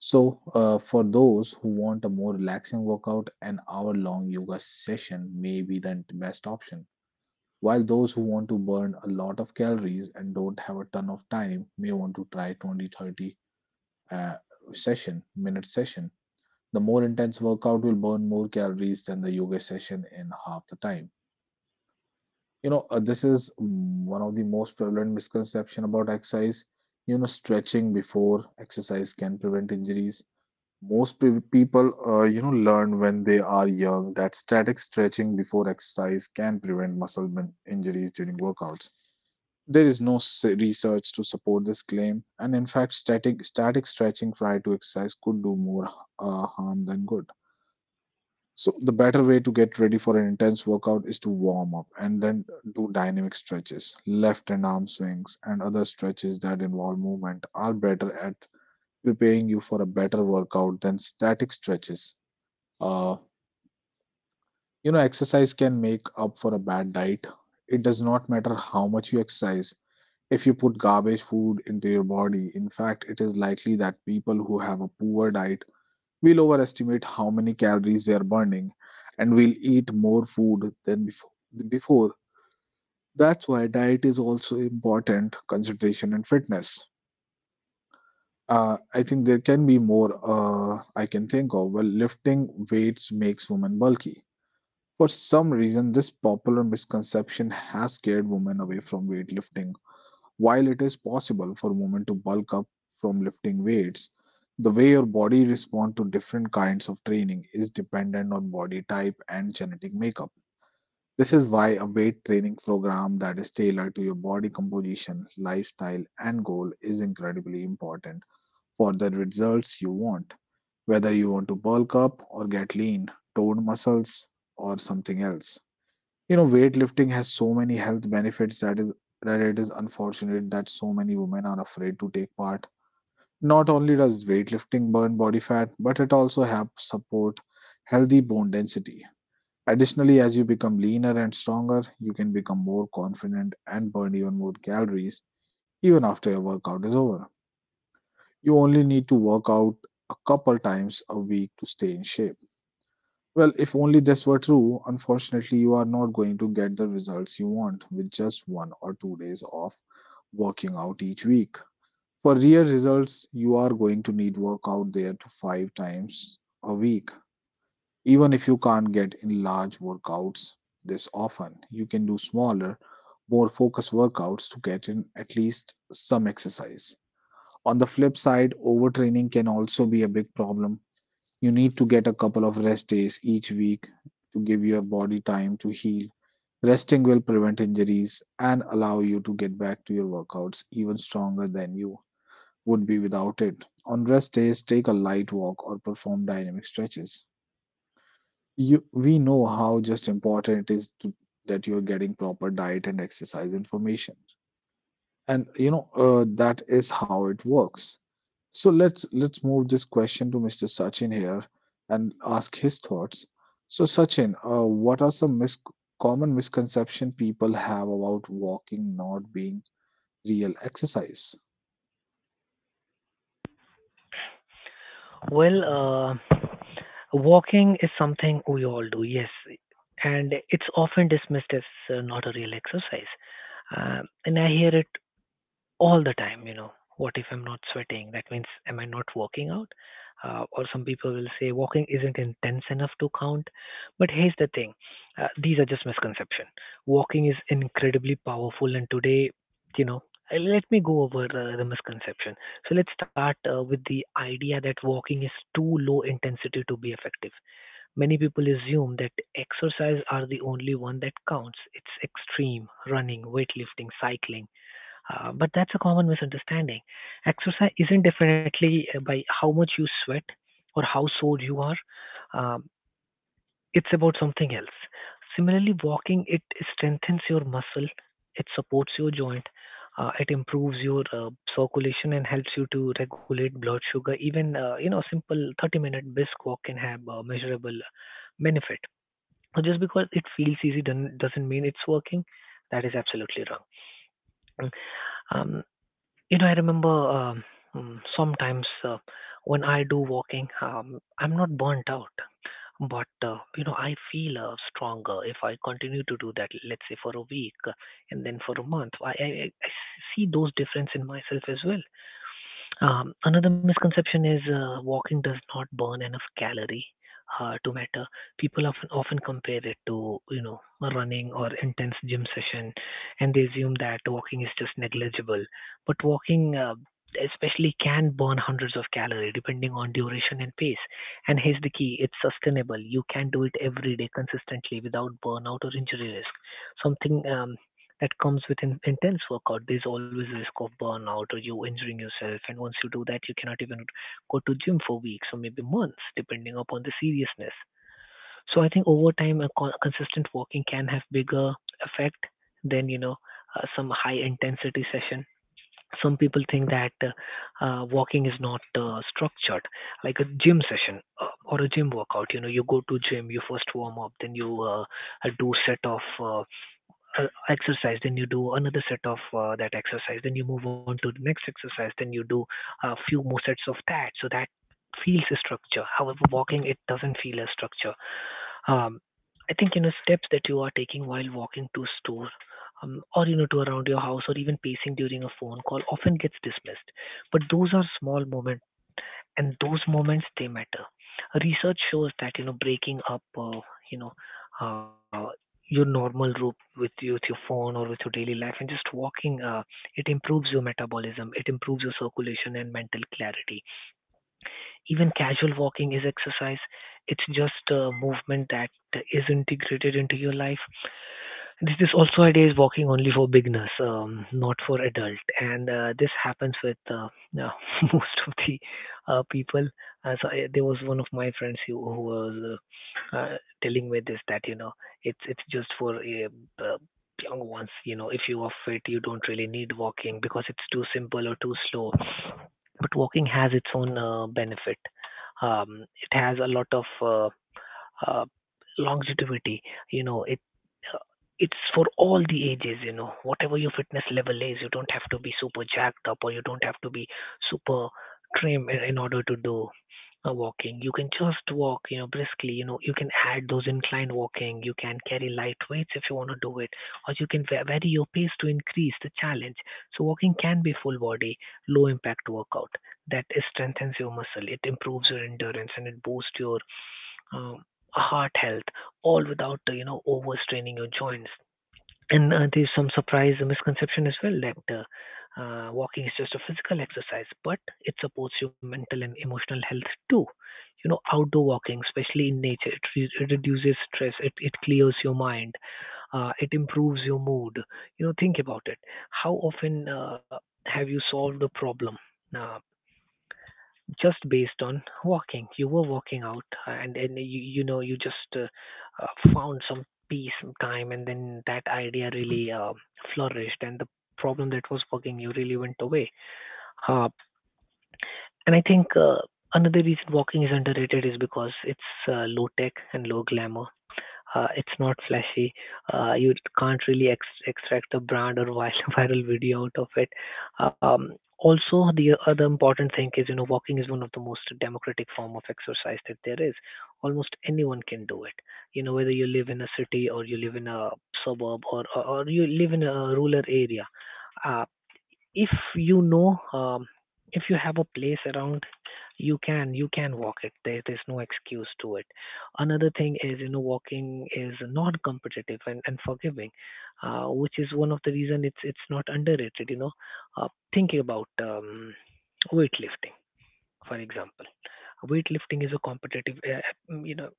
[SPEAKER 1] So, uh, for those who want a more relaxing workout, an hour long yoga session may be the best option. While those who want to burn a lot of calories and don't have a ton of time may want to try twenty thirty uh, session minute session. The more intense workout will burn more calories than the yoga session in half the time. You know, uh, this is mm, one of the most prevalent misconception about exercise. You know, stretching before exercise can prevent injuries. Most pre- people, uh, you know, learn when they are young that static stretching before exercise can prevent muscle min- injuries during workouts. There is no s- research to support this claim, and in fact, static, static stretching prior to exercise could do more uh, harm than good. So, the better way to get ready for an intense workout is to warm up and then do dynamic stretches. Left and arm swings and other stretches that involve movement are better at preparing you for a better workout than static stretches. Uh, you know, exercise can make up for a bad diet. It does not matter how much you exercise, if you put garbage food into your body, in fact, it is likely that people who have a poor diet will overestimate how many calories they are burning and will eat more food than before. before. That's why diet is also important consideration in fitness. Uh, I think there can be more uh, I can think of. Well, lifting weights makes women bulky. For some reason, this popular misconception has scared women away from weightlifting. While it is possible for women to bulk up from lifting weights, the way your body responds to different kinds of training is dependent on body type and genetic makeup. This is why a weight training program that is tailored to your body composition, lifestyle, and goal is incredibly important for the results you want, whether you want to bulk up or get lean, toned muscles, or something else. You know, weightlifting has so many health benefits that is that it is unfortunate that so many women are afraid to take part. Not only does weightlifting burn body fat, but it also helps support healthy bone density. Additionally, as you become leaner and stronger, you can become more confident and burn even more calories even after your workout is over. You only need to work out a couple times a week to stay in shape. Well, if only this were true, unfortunately, you are not going to get the results you want with just one or two days of working out each week. For real results, you are going to need workout there to five times a week. Even if you can't get in large workouts this often, you can do smaller, more focused workouts to get in at least some exercise. On the flip side, overtraining can also be a big problem. You need to get a couple of rest days each week to give your body time to heal. Resting will prevent injuries and allow you to get back to your workouts even stronger than you would be without it. On rest days, take a light walk or perform dynamic stretches. You, we know how just important it is to, that you're getting proper diet and exercise information. And you know uh, that is how it works. So let's let's move this question to mister Sachin here and ask his thoughts. So Sachin, uh, what are some mis- common misconception people have about walking not being real exercise?
[SPEAKER 2] Well, uh, walking is something we all do, yes, and it's often dismissed as uh, not a real exercise. Uh, and I hear it all the time. You know what if I'm not sweating? That means am I not working out? Uh, or some people will say walking isn't intense enough to count. But here's the thing. Uh, these are just misconceptions. Walking is incredibly powerful, and today, you know uh, let me go over uh, the misconception. So let's start uh, with the idea that walking is too low intensity to be effective. Many people assume that exercise are the only one that counts. It's extreme running, weightlifting, cycling. Uh, but that's a common misunderstanding. Exercise isn't definitely uh, by how much you sweat or how sore you are. Um, it's about something else. Similarly, walking, it strengthens your muscle, it supports your joint, uh, it improves your uh, circulation, and helps you to regulate blood sugar. Even uh, you know, a simple thirty-minute brisk walk can have a measurable benefit. So just because it feels easy doesn't doesn't mean it's working. That is absolutely wrong. Mm. Um, you know, I remember, um, mm, sometimes uh, when I do walking, um, I'm not burnt out, but uh, you know, I feel uh, stronger if I continue to do that. Let's say for a week, uh, and then for a month, I, I I I see those difference in myself as well. Um, another misconception is uh, walking does not burn enough calorie uh, to matter. People often often compare it to you know running or intense gym session, and they assume that walking is just negligible. But walking, uh, especially, can burn hundreds of calories depending on duration and pace. And here's the key: it's sustainable. You can do it every day consistently without burnout or injury risk. Something um, that comes with in- intense workout. There's always risk of burnout or you injuring yourself. And once you do that, you cannot even go to gym for weeks or maybe months, depending upon the seriousness. So I think over time, a co- consistent walking can have bigger effect than you know uh, some high intensity session. Some people think that uh, uh, walking is not uh, structured, like a gym session uh, or a gym workout. You know, you go to gym, you first warm up, then you uh, uh, do set of uh, uh, exercise, then you do another set of uh, that exercise, then you move on to the next exercise, then you do a few more sets of that, so that feels a structure. However, walking, it doesn't feel a structure. um, I think you know steps that you are taking while walking to store, um, or you know to around your house, or even pacing during a phone call often gets dismissed. But those are small moments, and those moments, they matter. Research shows that you know breaking up, uh, you know, uh, your normal route with you, with your phone or with your daily life, and just walking, uh, it improves your metabolism, it improves your circulation and mental clarity. Even casual walking is exercise. It's just a movement that is integrated into your life. This this also idea is walking only for beginners, um, not for adult, and uh, this happens with uh, yeah, most of the uh, people. Uh, so I, there was one of my friends who, who was uh, uh, telling me this, that you know it's it's just for uh, uh, young ones. You know, if you are fit, you don't really need walking because it's too simple or too slow. But walking has its own uh, benefit. Um, it has a lot of uh, uh, longevity. You know, it it's for all the ages, you know, whatever your fitness level is, you don't have to be super jacked up or you don't have to be super trim in, in order to do uh, walking. You can just walk, you know, briskly. You know, you can add those incline walking. You can carry light weights if you want to do it, or you can va- vary your pace to increase the challenge. So walking can be full body, low impact workout that is strengthens your muscle. It improves your endurance and it boosts your um, heart health, all without uh, you know overstraining your joints. And uh, there's some surprise misconception as well that uh, uh, walking is just a physical exercise, but it supports your mental and emotional health too. You know, outdoor walking, especially in nature, it, re- it reduces stress, it, it clears your mind, uh, it improves your mood. You know, think about it. How often uh, have you solved a problem? Uh, just based on walking. You were walking out, and and you you know you just uh, uh, found some peace, some time, and then that idea really uh, flourished, and the problem that was bugging you really went away. Uh, and I think uh, another reason walking is underrated is because it's uh, low tech and low glamour. Uh, it's not flashy. Uh, you can't really ex- extract a brand or vi- viral video out of it. Um, also, the other important thing is, you know, walking is one of the most democratic form of exercise that there is. Almost anyone can do it. You know, whether you live in a city or you live in a suburb or or, or you live in a rural area. Uh, if you know um, if you have a place around you can you can walk it there, there's no excuse to it. Another thing is, you know, walking is not competitive and, and forgiving, uh, which is one of the reason it's it's not underrated, you know. Uh, thinking about um, weightlifting, for example. Weightlifting is a competitive, uh, you know,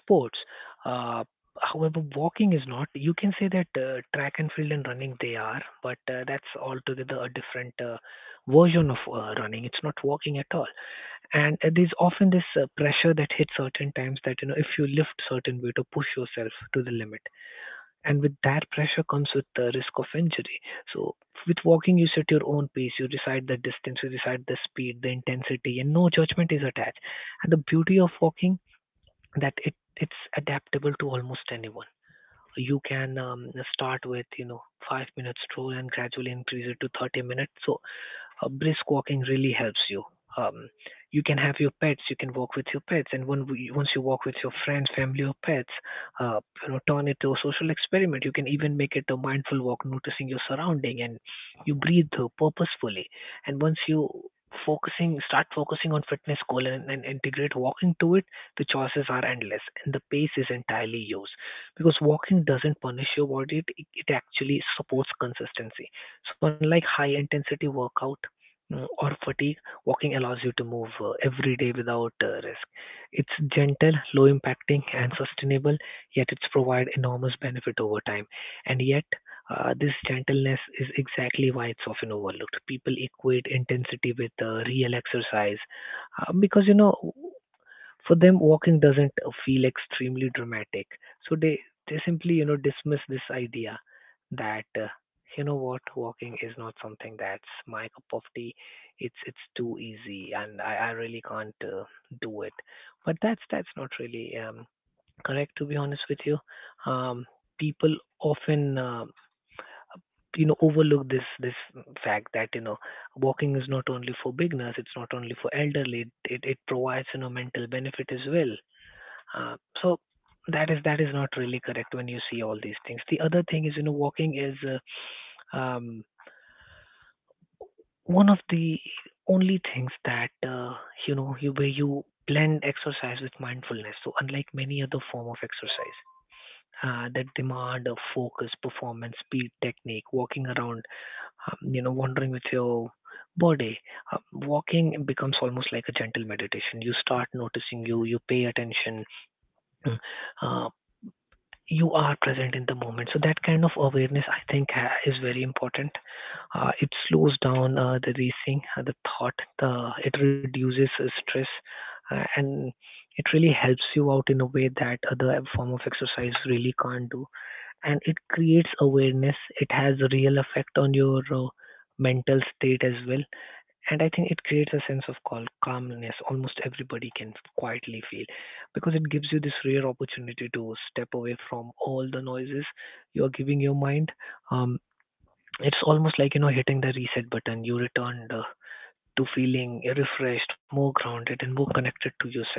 [SPEAKER 2] sports. Uh, however, walking is not. You can say that uh, track and field and running they are, but uh, that's altogether a different uh, version of uh, running. It's not walking at all. And uh, there's often this uh, pressure that hits certain times that, you know, if you lift certain weight or push yourself to the limit, and with that pressure comes with the risk of injury. So with walking, you set your own pace, you decide the distance, you decide the speed, the intensity, and no judgment is attached. And the beauty of walking that it it's adaptable to almost anyone. You can um, start with, you know, five minutes minutes stroll and gradually increase it to thirty minutes. So uh, brisk walking really helps you. Um, you can have your pets, you can walk with your pets, and when we- once you walk with your friends, family, or pets, uh, you know, turn it to a social experiment. You can even make it a mindful walk, noticing your surrounding, and you breathe uh, purposefully. And once you focusing, start focusing on fitness goal and, and integrate walking to it, the choices are endless, and the pace is entirely yours. Because walking doesn't punish your body; it, it actually supports consistency. So unlike high intensity workout, mm, or fatigue, walking allows you to move uh, every day without uh, risk. It's gentle, low impacting, and sustainable, yet it's provide enormous benefit over time. And yet, uh, this gentleness is exactly why it's often overlooked. People equate intensity with uh, real exercise, uh, because, you know, for them walking doesn't uh, feel extremely dramatic, so they they simply, you know, dismiss this idea that, uh, you know, what, walking is not something that's my cup of tea. It's it's too easy, and i, I really can't uh, do it. But that's that's not really um, correct, to be honest with you. Um, people often, uh, you know, overlook this this fact that, you know, walking is not only for beginners, it's not only for elderly. It, it provides, you know, mental benefit as well. Uh, so that is that is not really correct when you see all these things. The other thing is, you know, walking is, uh, um, one of the only things that, uh, you know, you where you blend exercise with mindfulness. So unlike many other form of exercise. Uh, that demand of focus, performance, speed, technique, walking around, um, you know, wandering with your body. Uh, Walking becomes almost like a gentle meditation. You start noticing, you, you pay attention. Mm. uh, you are present in the moment. So that kind of awareness, I think, ha- is very important. Uh, it slows down uh, the racing, uh, the thought. The It reduces uh, stress, uh, and it really helps you out in a way that other form of exercise really can't do. And it creates awareness. It has a real effect on your uh, mental state as well. And I think it creates a sense of cal- calmness almost everybody can quietly feel, because it gives you this rare opportunity to step away from all the noises you're giving your mind. Um, it's almost like, you know, hitting the reset button. You return the, to feeling refreshed, more grounded, and more connected to yourself.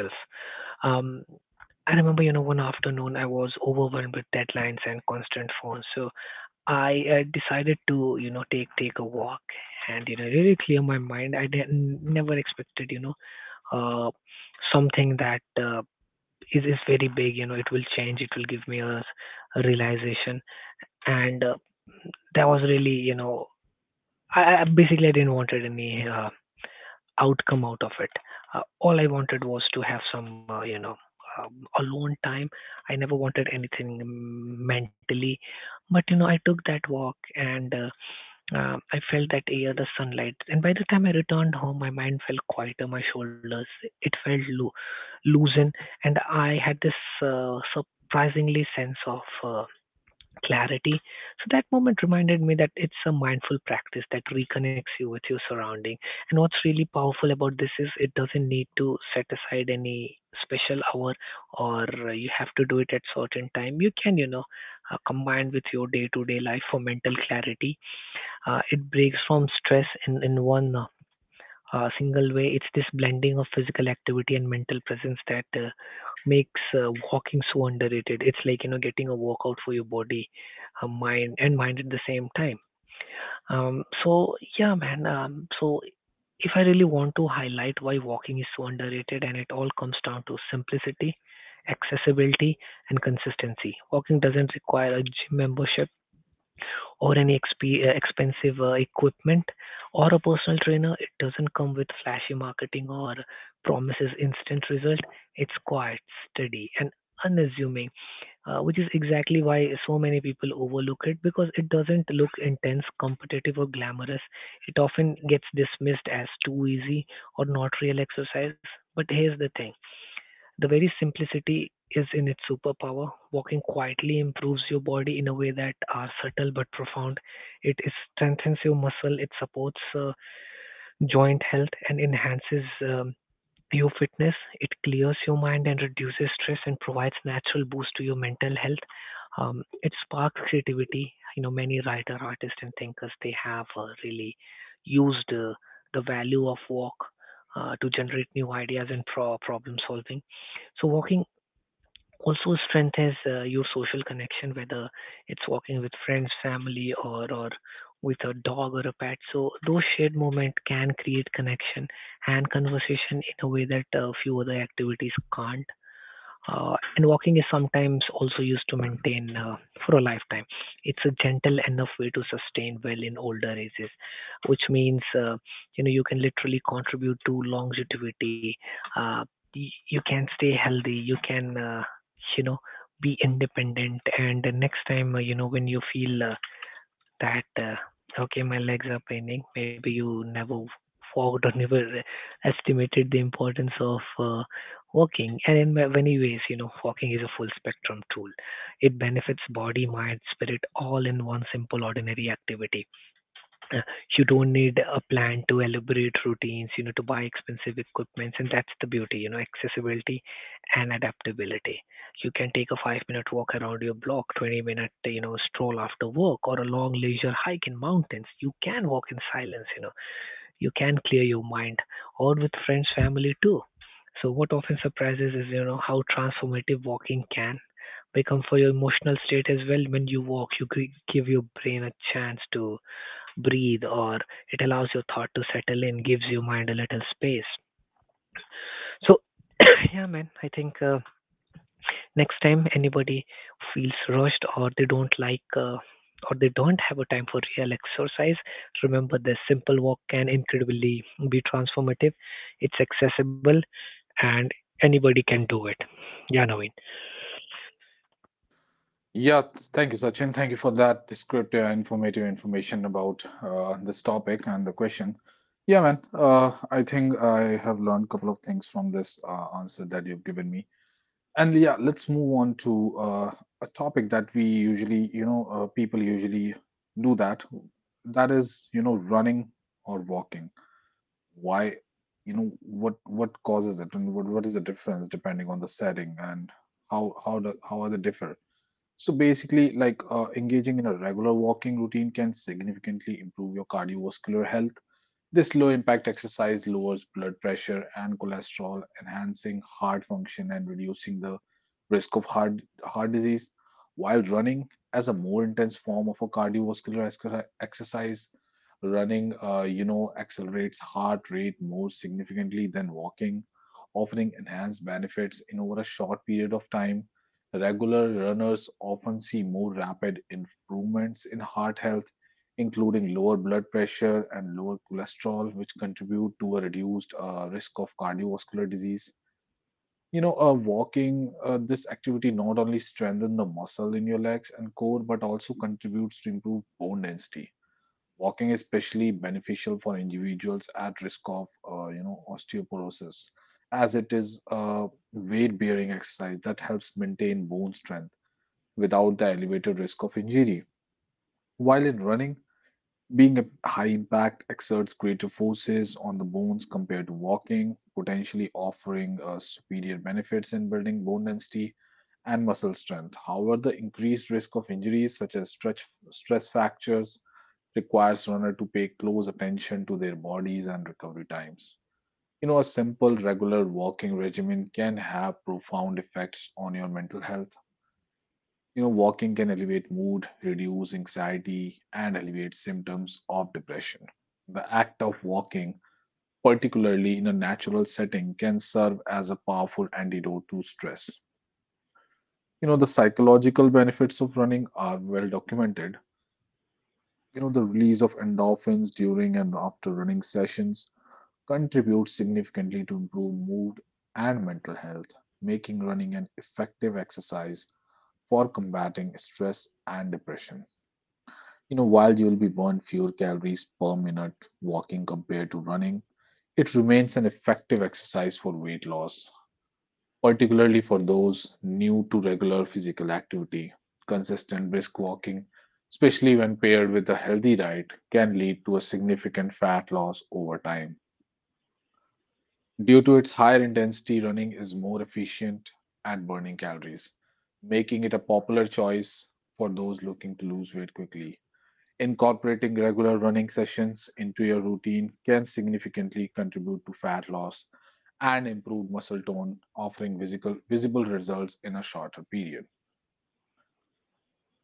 [SPEAKER 2] Um, I remember, you know, one afternoon I was overwhelmed with deadlines and constant phones, so I uh, decided to, you know, take take a walk and, you know, really clear my mind. I didn't never expected, you know, uh, something that uh, is is very big. You know, it will change. It will give me a, a realization, and uh, that was really, you know, I, I basically I didn't wanted any uh, outcome out of it. Uh, all I wanted was to have some, uh, you know, um, alone time. I never wanted anything mm, mentally, but, you know, I took that walk and, uh, um, I felt that air, the sunlight. And by the time I returned home, my mind felt quieter, my shoulders it felt loo- loosened, and I had this uh, surprisingly sense of. Uh, clarity. So that moment reminded me that it's a mindful practice that reconnects you with your surrounding. And what's really powerful about this is it doesn't need to set aside any special hour or, uh, you have to do it at certain time. You can, you know, uh, combine with your day-to-day life for mental clarity. Uh, it breaks from stress in, in one, uh, uh, single way. It's this blending of physical activity and mental presence that uh, makes uh, walking so underrated. It's like, you know, getting a workout for your body, uh, mind, and mind at the same time. Um, so yeah, man. Um, so if I really want to highlight why walking is so underrated, and it all comes down to simplicity, accessibility, and consistency. Walking doesn't require a gym membership or any exp- expensive uh, equipment or a personal trainer. It doesn't come with flashy marketing or promises instant result. It's quite steady and unassuming, uh, which is exactly why so many people overlook it because it doesn't look intense, competitive, or glamorous. It often gets dismissed as too easy or not real exercise. But here's the thing, the very simplicity is in its superpower. Walking quietly improves your body in a way that are subtle but profound. It is- strengthens your muscle, it supports uh, joint health, and enhances uh, Pure Fitness, it clears your mind and reduces stress and provides natural boost to your mental health. Um, it sparks creativity. You know, many writer, artists, and thinkers they have uh, really used uh, the value of walk uh, to generate new ideas and pro- problem solving. So walking also strength is uh, your social connection, whether it's walking with friends, family, or or with a dog or a pet. So those shared moment can create connection and conversation in a way that uh, few other activities can't. Uh, and walking is sometimes also used to maintain uh, for a lifetime. It's a gentle enough way to sustain well in older ages, which means, uh, you know, you can literally contribute to longevity. Uh, y- you can stay healthy. You can, uh, you know, be independent. And the next time, uh, you know, when you feel uh, that, uh, okay, my legs are paining. Maybe you never walked or never estimated the importance of uh, walking. And in ma- many ways, you know, walking is a full spectrum tool. It benefits body, mind, spirit all in one simple, ordinary activity. uh, you don't need a plan to elaborate routines, you know, to buy expensive equipments, and that's the beauty, you know, accessibility and adaptability. You can take a five minute walk around your block, twenty minute, you know, stroll after work, or a long leisure hike in mountains. You can walk in silence, you know, you can clear your mind, or with friends, family too. So, what often surprises is, you know, how transformative walking can become for your emotional state as well. When you walk, you gi- give your brain a chance to breathe or it allows your thought to settle in, gives your mind a little space. So, yeah, man, I think, uh, next time anybody feels rushed or they don't like, uh, or they don't have a time for real exercise, remember this simple walk can incredibly be transformative. It's accessible and anybody can do it. Yeah, Naveen.
[SPEAKER 1] Yeah, th- thank you, Sachin. Thank you for that descriptive and informative information about uh, this topic and the question. Yeah, man, uh, I think I have learned a couple of things from this uh, answer that you've given me. And yeah, let's move on to uh, a topic that we usually, you know, uh, people usually do that. That is, you know, running or walking. Why, you know, what what causes it, and what what is the difference depending on the setting, and how how do how are they differ? So basically, like uh, engaging in a regular walking routine can significantly improve your cardiovascular health. This low impact exercise lowers blood pressure and cholesterol, enhancing heart function and reducing the risk of heart, heart disease. While running, as a more intense form of a cardiovascular exer- exercise, running uh, you know accelerates heart rate more significantly than walking, offering enhanced benefits in over a short period of time. Regular runners often see more rapid improvements in heart health, including lower blood pressure and lower cholesterol, which contribute to a reduced uh, risk of cardiovascular disease. You know, uh, walking, uh, this activity not only strengthens the muscle in your legs and core, but also contributes to improved bone density. Walking is especially beneficial for individuals at risk of, uh, you know, osteoporosis, as it is a weight-bearing exercise that helps maintain bone strength without the elevated risk of injury. While in running, being a high impact exerts greater forces on the bones compared to walking, potentially offering uh, superior benefits in building bone density and muscle strength. However, the increased risk of injuries such as stretch, stress fractures requires runner to pay close attention to their bodies and recovery times. You know, a simple regular walking regimen can have profound effects on your mental health. You know, walking can elevate mood, reduce anxiety, and alleviate symptoms of depression. The act of walking, particularly in a natural setting, can serve as a powerful antidote to stress. You know, the psychological benefits of running are well documented. You know, the release of endorphins during and after running sessions contributes significantly to improved mood and mental health, making running an effective exercise for combating stress and depression. You know, while you'll be burn fewer calories per minute walking compared to running, it remains an effective exercise for weight loss, particularly for those new to regular physical activity. Consistent brisk walking, especially when paired with a healthy diet, can lead to a significant fat loss over time. Due to its higher intensity, running is more efficient at burning calories, making it a popular choice for those looking to lose weight quickly. Incorporating regular running sessions into your routine can significantly contribute to fat loss and improve muscle tone, offering visible, visible results in a shorter period.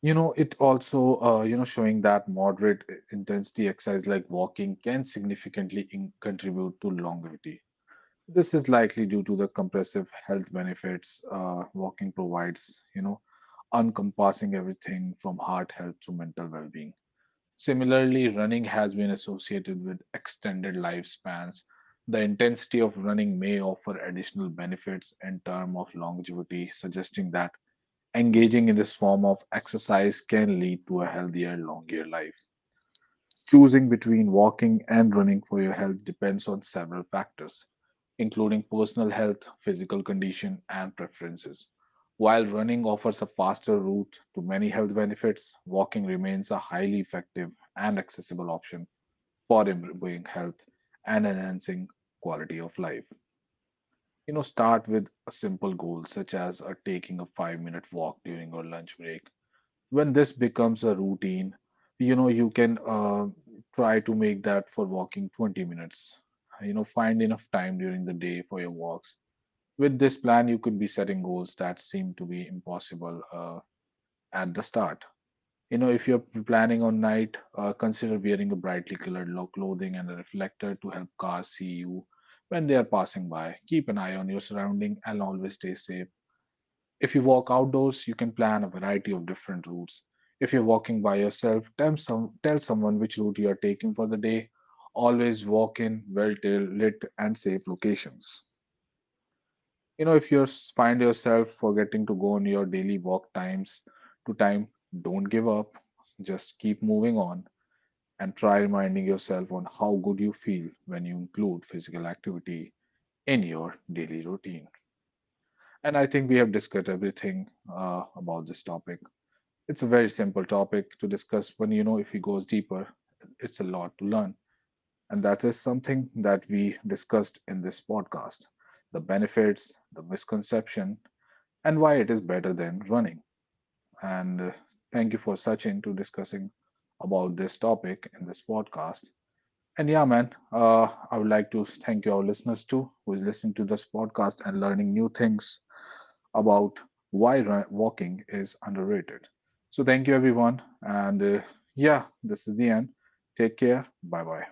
[SPEAKER 1] You know, it also, uh, you know, showing that moderate intensity exercise like walking can significantly in- contribute to longevity. This is likely due to the compressive health benefits uh, walking provides, you know, encompassing everything from heart health to mental well being. Similarly, running has been associated with extended lifespans. The intensity of running may offer additional benefits in terms of longevity, suggesting that engaging in this form of exercise can lead to a healthier, longer life. Choosing between walking and running for your health depends on several factors, including personal health, physical condition, and preferences. While running offers a faster route to many health benefits, walking remains a highly effective and accessible option for improving health and enhancing quality of life. You know, start with a simple goal such as uh, taking a five minute walk during your lunch break. When this becomes a routine, you know, you can uh, try to make that for walking twenty minutes. You know, find enough time during the day for your walks. With this plan, you could be setting goals that seem to be impossible uh, at the start. You know, if you're planning on night, uh, consider wearing a brightly colored lo- clothing and a reflector to help cars see you when they are passing by. Keep an eye on your surrounding and always stay safe. If you walk outdoors, you can plan a variety of different routes. If you're walking by yourself, tell, some, tell someone which route you are taking for the day. Always walk in well lit and safe locations. You know, if you find yourself forgetting to go on your daily walk times to time, don't give up. Just keep moving on and try reminding yourself on how good you feel when you include physical activity in your daily routine. And I think we have discussed everything uh, about this topic. It's a very simple topic to discuss, but you know, if he goes deeper, it's a lot to learn. And that is something that we discussed in this podcast, the benefits, the misconception, and why it is better than running. And uh, thank you for Sachin to discussing about this topic in this podcast. And yeah, man, uh, I would like to thank you, our listeners too, who is listening to this podcast and learning new things about why walking is underrated. So, thank you everyone. And uh, yeah, this is the end. Take care. Bye bye.